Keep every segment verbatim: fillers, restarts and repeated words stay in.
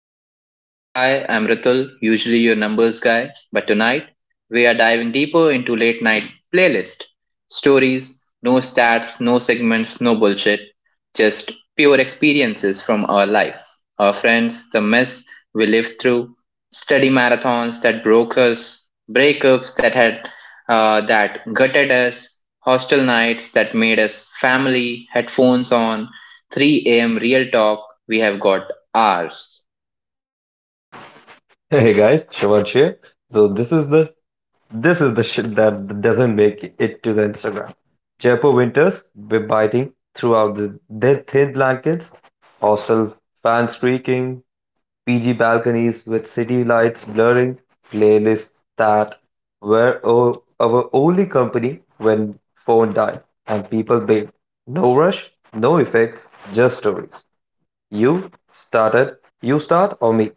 studio. Hi, I'm Ritul, usually your numbers guy, but tonight we are diving deeper into late night playlist. Stories, no stats, no segments, no bullshit, just pure experiences from our lives, our friends, the mess we lived through, study marathons that broke us, breakups that had uh, that gutted us, hostel nights that made us family, headphones on, three a m real talk we have got ours. Hey guys, Shivansh here. So this is the this is the shit that doesn't make it to the Instagram. Jaipur winters, we're biting throughout the their thin blankets, hostel fans creaking, P G balconies with city lights blurring, playlists that were o- our only company when phone died and people bailed. No rush, no effects, just stories. You started, you start or me?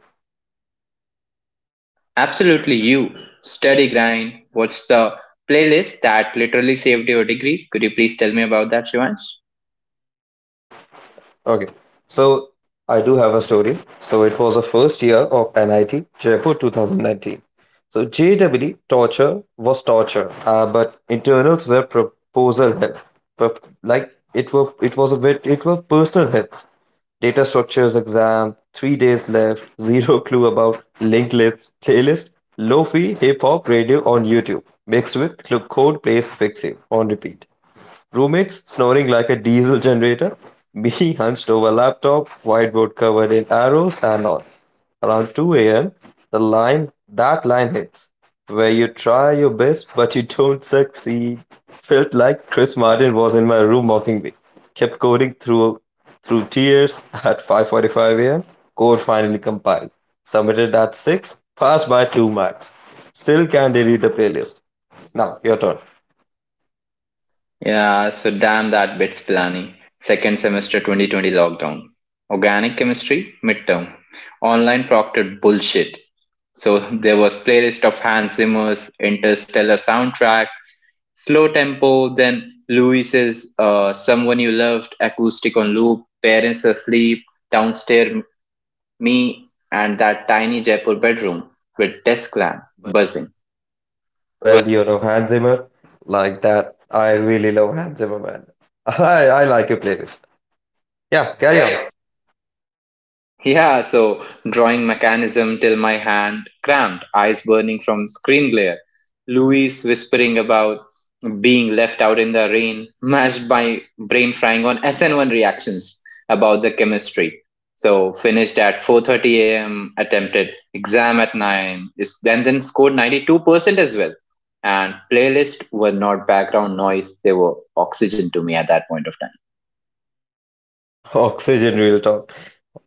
Absolutely you. Study grind. What's the playlist that literally saved your degree? Could you please tell me about that, Shivansh? Okay, so I do have a story. So it was the first year of N I T, Jaipur twenty nineteen. So J E E torture was torture, uh, but internals were proposal help. Pro- like it were, it was a bit, it were personal helps. Data structures exam, three days left, zero clue about linked lists, playlist, lofi, hip hop, radio on YouTube, mixed with club code plays fix you on repeat. Roommates snoring like a diesel generator, me hunched over laptop, whiteboard covered in arrows and knots. Around two a m, the line that line hits, where you try your best but you don't succeed. Felt like Chris Martin was in my room mocking me. Kept coding through through tears at five forty-five a m. Code finally compiled. Submitted at six, passed by two marks. Still can't delete the playlist. Now your turn. Yeah, so damn that bits Pilani. Second semester twenty twenty lockdown. Organic chemistry, midterm. Online proctored bullshit. So there was playlist of Hans Zimmer's Interstellar soundtrack, slow tempo, then Louis's uh, Someone You Loved acoustic on loop, parents asleep, downstairs, me and that tiny Jaipur bedroom with desk lamp buzzing. Well, you know, Hans Zimmer, like that. I really love Hans Zimmer, man. I, I like your playlist. Yeah, Yeah, carry carry on. on. Yeah, so drawing mechanism till my hand cramped, eyes burning from screen glare. Louise whispering about being left out in the rain, mashed by brain frying on S N one reactions about the chemistry. So finished at four thirty a m, attempted exam at nine is and then scored ninety-two percent as well. And playlists were not background noise; they were oxygen to me at that point of time. Oxygen Real Talk.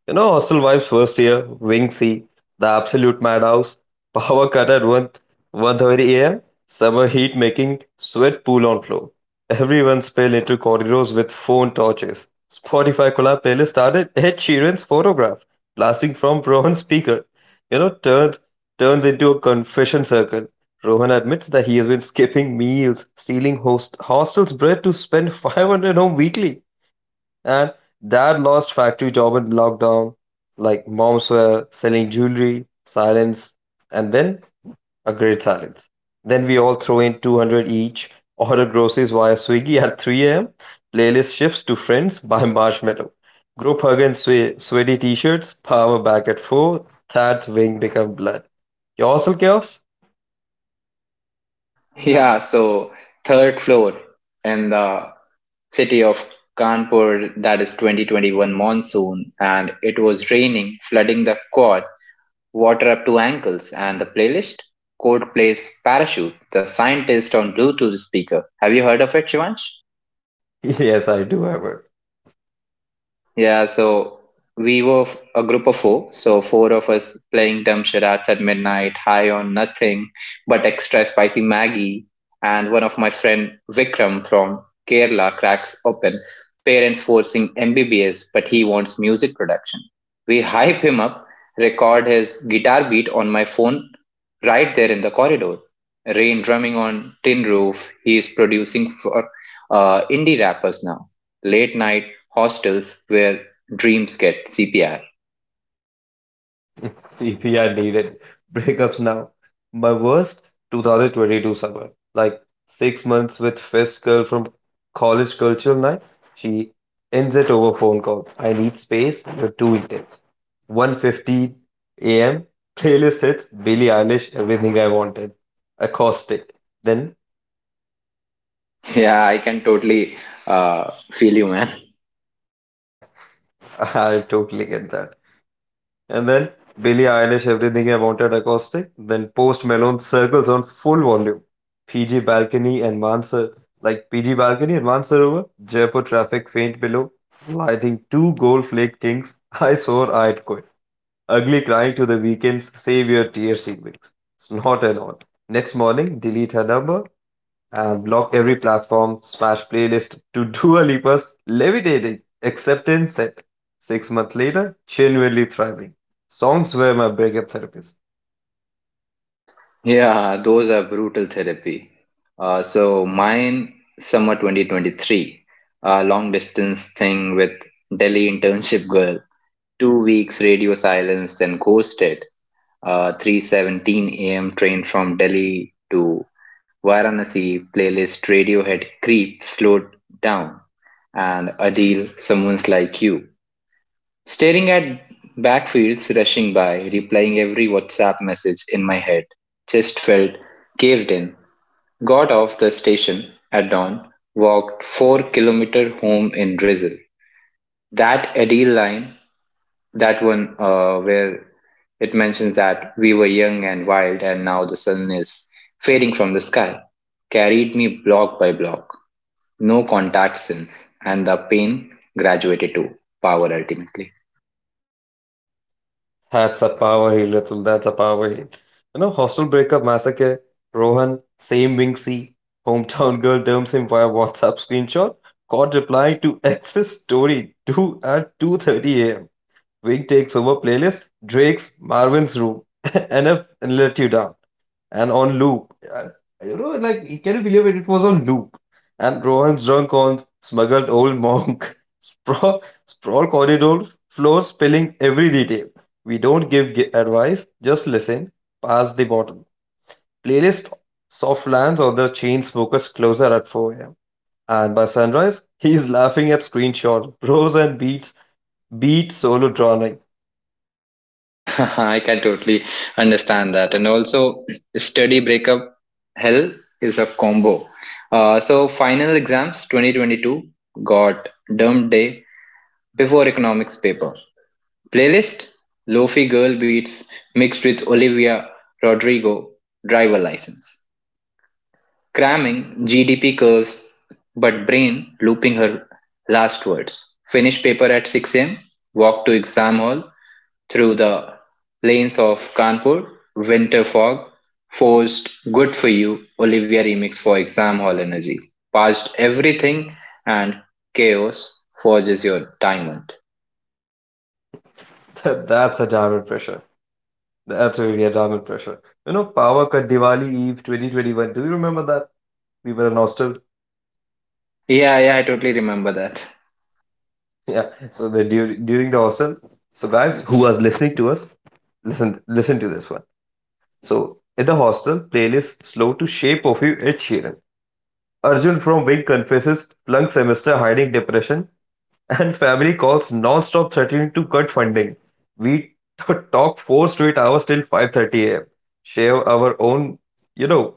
You know, Hostel Vibes first year, Wing C, the absolute madhouse, power cut at one, one thirty am, summer heat making sweat pool on floor. Everyone spill into corridors with phone torches. Spotify collab playlist started Ed Sheeran's photograph, blasting from Rohan's speaker. You know, turns turns into a confession circle. Rohan admits that he has been skipping meals, stealing host hostel's bread to spend five hundred home weekly. And dad lost factory job in lockdown. Like moms were selling jewelry, silence, and then a great silence. Then we all throw in two hundred each, order groceries via Swiggy at three a m, playlist shifts to friends by marshmallow. Group hug and swe- sweaty t-shirts, power back at four, that wing become blood. You also chaos? Yeah, so third floor in the city of Kanpur, that is twenty twenty-one monsoon, and it was raining, flooding the quad, water up to ankles, and the playlist? Code plays Parachute, the scientist on Bluetooth speaker. Have you heard of it, Shivansh? Yes, I do, ever. Yeah, so we were f- a group of four. So four of us playing dumb charades at midnight, high on nothing but extra spicy Maggie. And one of my friend Vikram from Kerala cracks open. Parents forcing M B B S, but he wants music production. We hype him up, record his guitar beat on my phone right there in the corridor. Rain drumming on tin roof. He is producing for uh, indie rappers now, late night hostels where dreams get C P R. C P R needed. Breakups now. My worst two thousand twenty-two summer. Like six months with first girl from college cultural night. She ends it over phone call. I need space. You're too intense. One fifty a m. Playlist hits. Billie Eilish. Everything I wanted. Acoustic. Then Yeah, I can totally uh, feel you, man. I totally get that. And then Billie Eilish, Everything I Wanted acoustic. Then Post Malone circles on full volume. P G Balcony and Mansar, like P G Balcony and Mansarovar, Jaipur traffic faint below, lighting two gold flake kings. I swore I'd quit. Ugly crying to the weekend's save your tears, Weeks. Snort and all. Next morning, delete her number and block every platform smash playlist to Dua Lipa's levitating acceptance set. Six months later, genuinely thriving. Songs were my breakup therapist. Yeah, those are brutal therapy. Uh, so mine, summer twenty twenty-three, a long distance thing with Delhi internship girl. Two weeks radio silence, then ghosted. Uh, three seventeen a m train from Delhi to Varanasi. Playlist Radiohead Creep slowed down, and Adil, someone's like you. Staring at backfields rushing by, replying every WhatsApp message in my head, just felt caved in. Got off the station at dawn, walked four kilometer home in drizzle. That ideal line, that one uh, where it mentions that we were young and wild and now the sun is fading from the sky, carried me block by block. No contact since, and the pain graduated to power ultimately. That's a power hit, Atul. That's a power hit. You know, Hostel Breakup Massacre, Rohan, Same Winksy, Hometown Girl dumps him via WhatsApp screenshot. Caught reply to ex's story two at two thirty a m. Wink takes over playlist, Drake's Marvin's room, and I've let you down. And on loop. Uh, You know, like, can you believe it? It was on loop. And Rohan's drunk on smuggled old monk, sprawl, sprawl corridor floor spilling every detail. We don't give gi- advice, just listen. Pass the bottle. Playlist soft lands on the chain smokers closer at four a m. And by sunrise, he's laughing at screenshot, bros and beats, beat solo drowning. I can totally understand that. And also, study breakup hell is a combo. Uh, so, final exams twenty twenty-two, got dump day before economics paper. Playlist Lofi Girl Beats mixed with Olivia Rodrigo driver license. Cramming G D P curves, but brain looping her last words. Finish paper at six a m, walk to exam hall, through the lanes of Kanpur, winter fog, forced Good For You, Olivia remix for exam hall energy, past everything, and chaos forges your diamond. That's a diamond pressure. Absolutely, yeah, Retirement pressure. You know, Power cut Diwali Eve twenty twenty-one. Do you remember that? We were in hostel. Yeah, yeah, I totally remember that. Yeah. So the during during the hostel. So guys who was listening to us, listen listen to this one. So in the hostel, playlist slow to shape of you Ed Sheeran. Arjun from Wing confesses plunk semester hiding depression and family calls non-stop threatening to cut funding. We t- talk four straight hours till five thirty a m. Share our own, you know,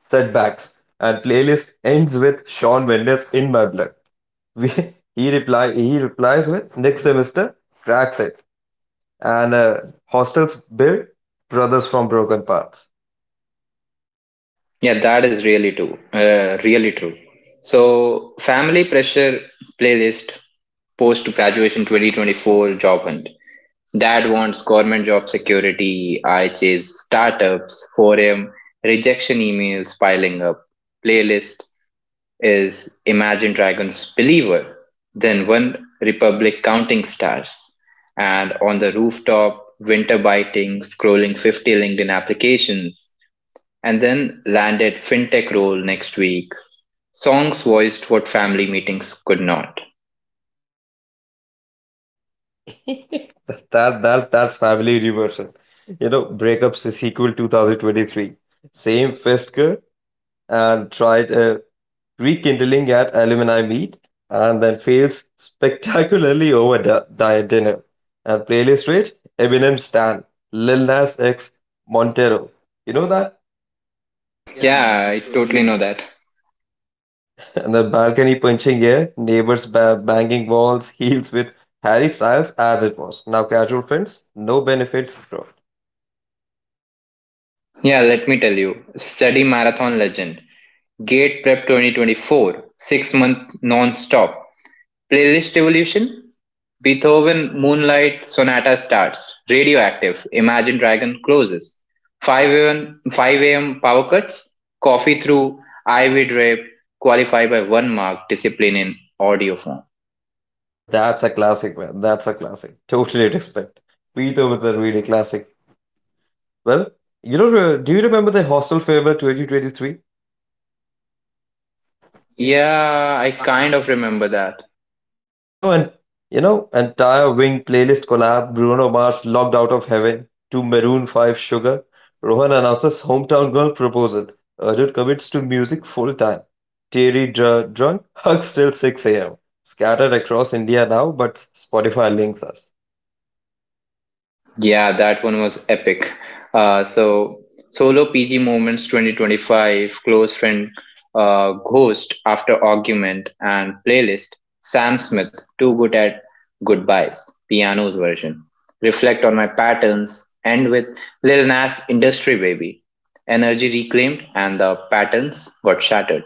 setbacks, and playlist ends with Sean Mendes in my blood. We, he reply he replies with next semester cracks it and uh, hostels build brothers from broken parts. Yeah, that is really true. Uh, really true. So, family pressure playlist post graduation twenty twenty-four job hunt. Dad wants government job security. I chase startups, four M, rejection emails piling up. Playlist is Imagine Dragons Believer, then One Republic Counting Stars. And on the rooftop, winter biting, scrolling fifty LinkedIn applications and then landed fintech role next week. Songs voiced what family meetings could not. That that that's family reversal. You know, breakups sequel twenty twenty-three. Same fist girl and tried uh, rekindling at alumni meet, and then fails spectacularly over di- di- dinner. And playlist rate Eminem Stan, Lil Nas X, Montero. You know that? Yeah, I totally know that. And the balcony punching air, neighbors ba- banging walls, heels with Harry Styles as it was. Now, casual friends, no benefits, bro. Yeah, let me tell you. Study marathon legend. Gate Prep twenty twenty-four, six month non stop. Playlist evolution. Beethoven Moonlight Sonata starts. Radioactive. Imagine Dragon closes. five a m five a m power cuts. Coffee through. Ivy drape. Qualify by one mark. Discipline in audio form. That's a classic, man. That's a classic. Totally respect. Beat over the really classic. Well, you know, uh, do you remember the Hostel Fever twenty twenty-three? Yeah, I kind of remember that. You know, and you know, entire Wing playlist collab, Bruno Mars locked out of heaven to Maroon five Sugar. Rohan announces hometown girl proposal. Arjun commits to music full time. Terry dr- drunk, hugs till six a m. Scattered across India now, but Spotify links us. Yeah, that one was epic. Uh, so solo P G moments twenty twenty-five, close friend, uh, ghost after argument, and playlist. Sam Smith, too good at goodbyes, piano's version. Reflect on my patterns. End with Lil Nas Industry Baby. Energy reclaimed and the patterns got shattered.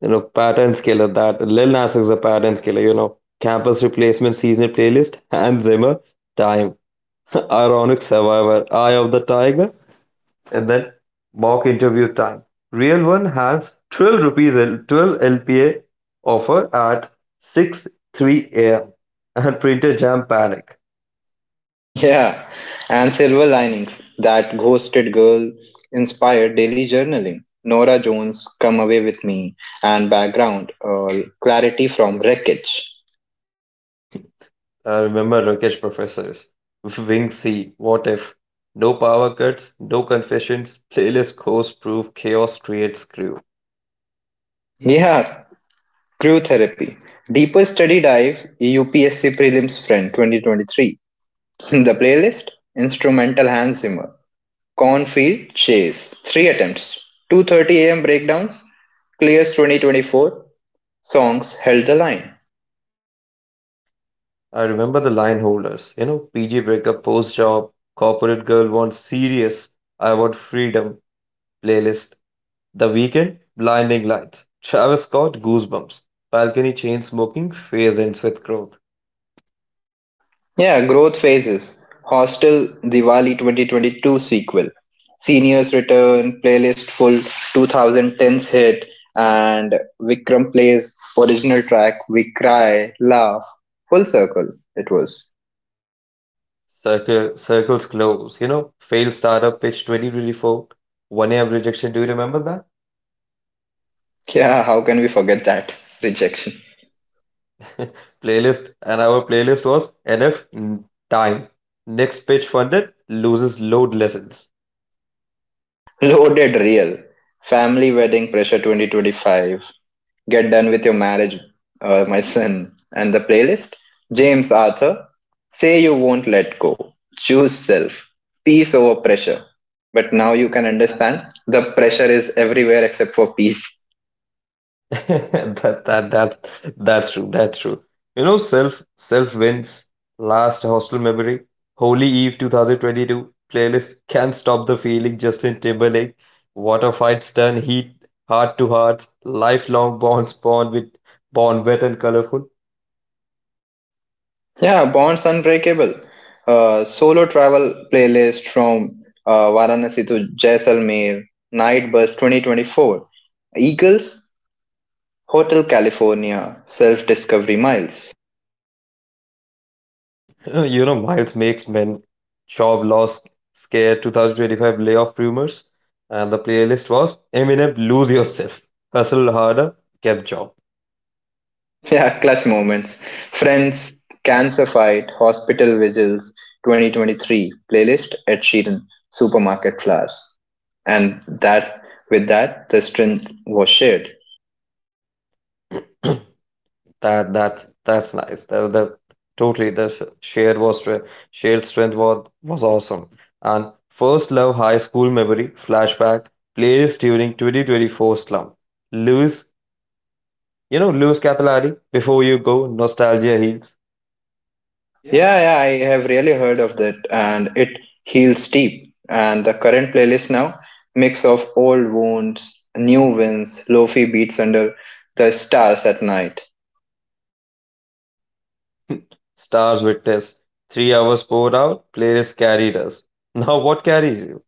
You know, pattern killer that Lil Nas X is a pattern killer, you know. Campus replacement season playlist, and Zimmer, time. Ironic survivor, eye of the tiger, and then mock interview time. Real one has twelve rupees, L- twelve L P A offer at six three a m and printer jam panic. Yeah, and silver linings, that ghosted girl, inspired daily journaling. Nora Jones, Come Away With Me, and background, uh, clarity from wreckage. I remember Rakesh professors. Wing C, what if? No power cuts, no confessions, playlist course proof, chaos creates crew. Yeah, crew therapy, deeper study dive, U P S C Prelims Friend twenty twenty-three. The playlist, instrumental Hans Zimmer, Cornfield Chase, three attempts, two thirty am breakdowns, clears twenty twenty-four, songs held the line. I remember the line holders. You know, P G breakup, post job, corporate girl wants serious. I want freedom. Playlist The Weekend, Blinding Lights. Travis Scott, Goosebumps. Balcony chain smoking, phase ends with growth. Yeah, growth phases. Hostel Diwali twenty twenty-two sequel. Seniors return, playlist full twenty tens hit, and Vikram plays original track We Cry, Laugh. Full circle, it was. Circle, circles close. You know, failed startup pitch twenty twenty-four. one a m rejection. Do you remember that? Yeah, how can we forget that? Rejection. Playlist. And our playlist was N F time. Next pitch funded, loses load lessons. Loaded real. Family wedding pressure twenty twenty-five. Get done with your marriage, uh, my son, and the playlist James Arthur, Say You Won't Let Go, choose self, peace over pressure. But now you can understand the pressure is everywhere except for peace. that, that that that's true. That's true. You know, self self wins. Last hostel memory, Holy Eve two thousand twenty-two playlist. Can't stop the feeling. Justin Timberlake, water fights turn heat, heart to heart, lifelong bonds born with born wet and colorful. Yeah, bonds unbreakable, uh, solo travel playlist from uh, Varanasi to Jaisalmer, night bus twenty twenty-four, Eagles, Hotel California, self discovery miles. You know, you know, Miles makes men. Job lost, scare two thousand twenty-five layoff rumors, and the playlist was Eminem lose yourself, hustle harder, get job. Yeah, clutch moments. Friends, cancer fight, hospital vigils, twenty twenty-three playlist at Sheeran, supermarket flowers, and that with that the strength was shared. That that that's nice. The the totally the sh- shared was stre- shared strength was was awesome. And first love high school memory flashback playlist during twenty twenty-four slump. Lewis, you know Lewis Capilari. Before you go, nostalgia heals. Yeah, yeah, I have really heard of that, and it heals deep. And the current playlist now mix of old wounds, new wins, lofi beats under the stars at night. Stars witness. Three hours poured out. Playlist carried us. Now what carries you?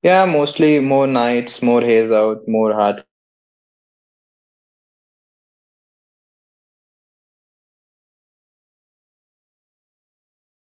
Yeah, mostly more nights, more haze out, more hard coming. And if you are listening to us, so D M your stories to us and peace out. Keep listening to us.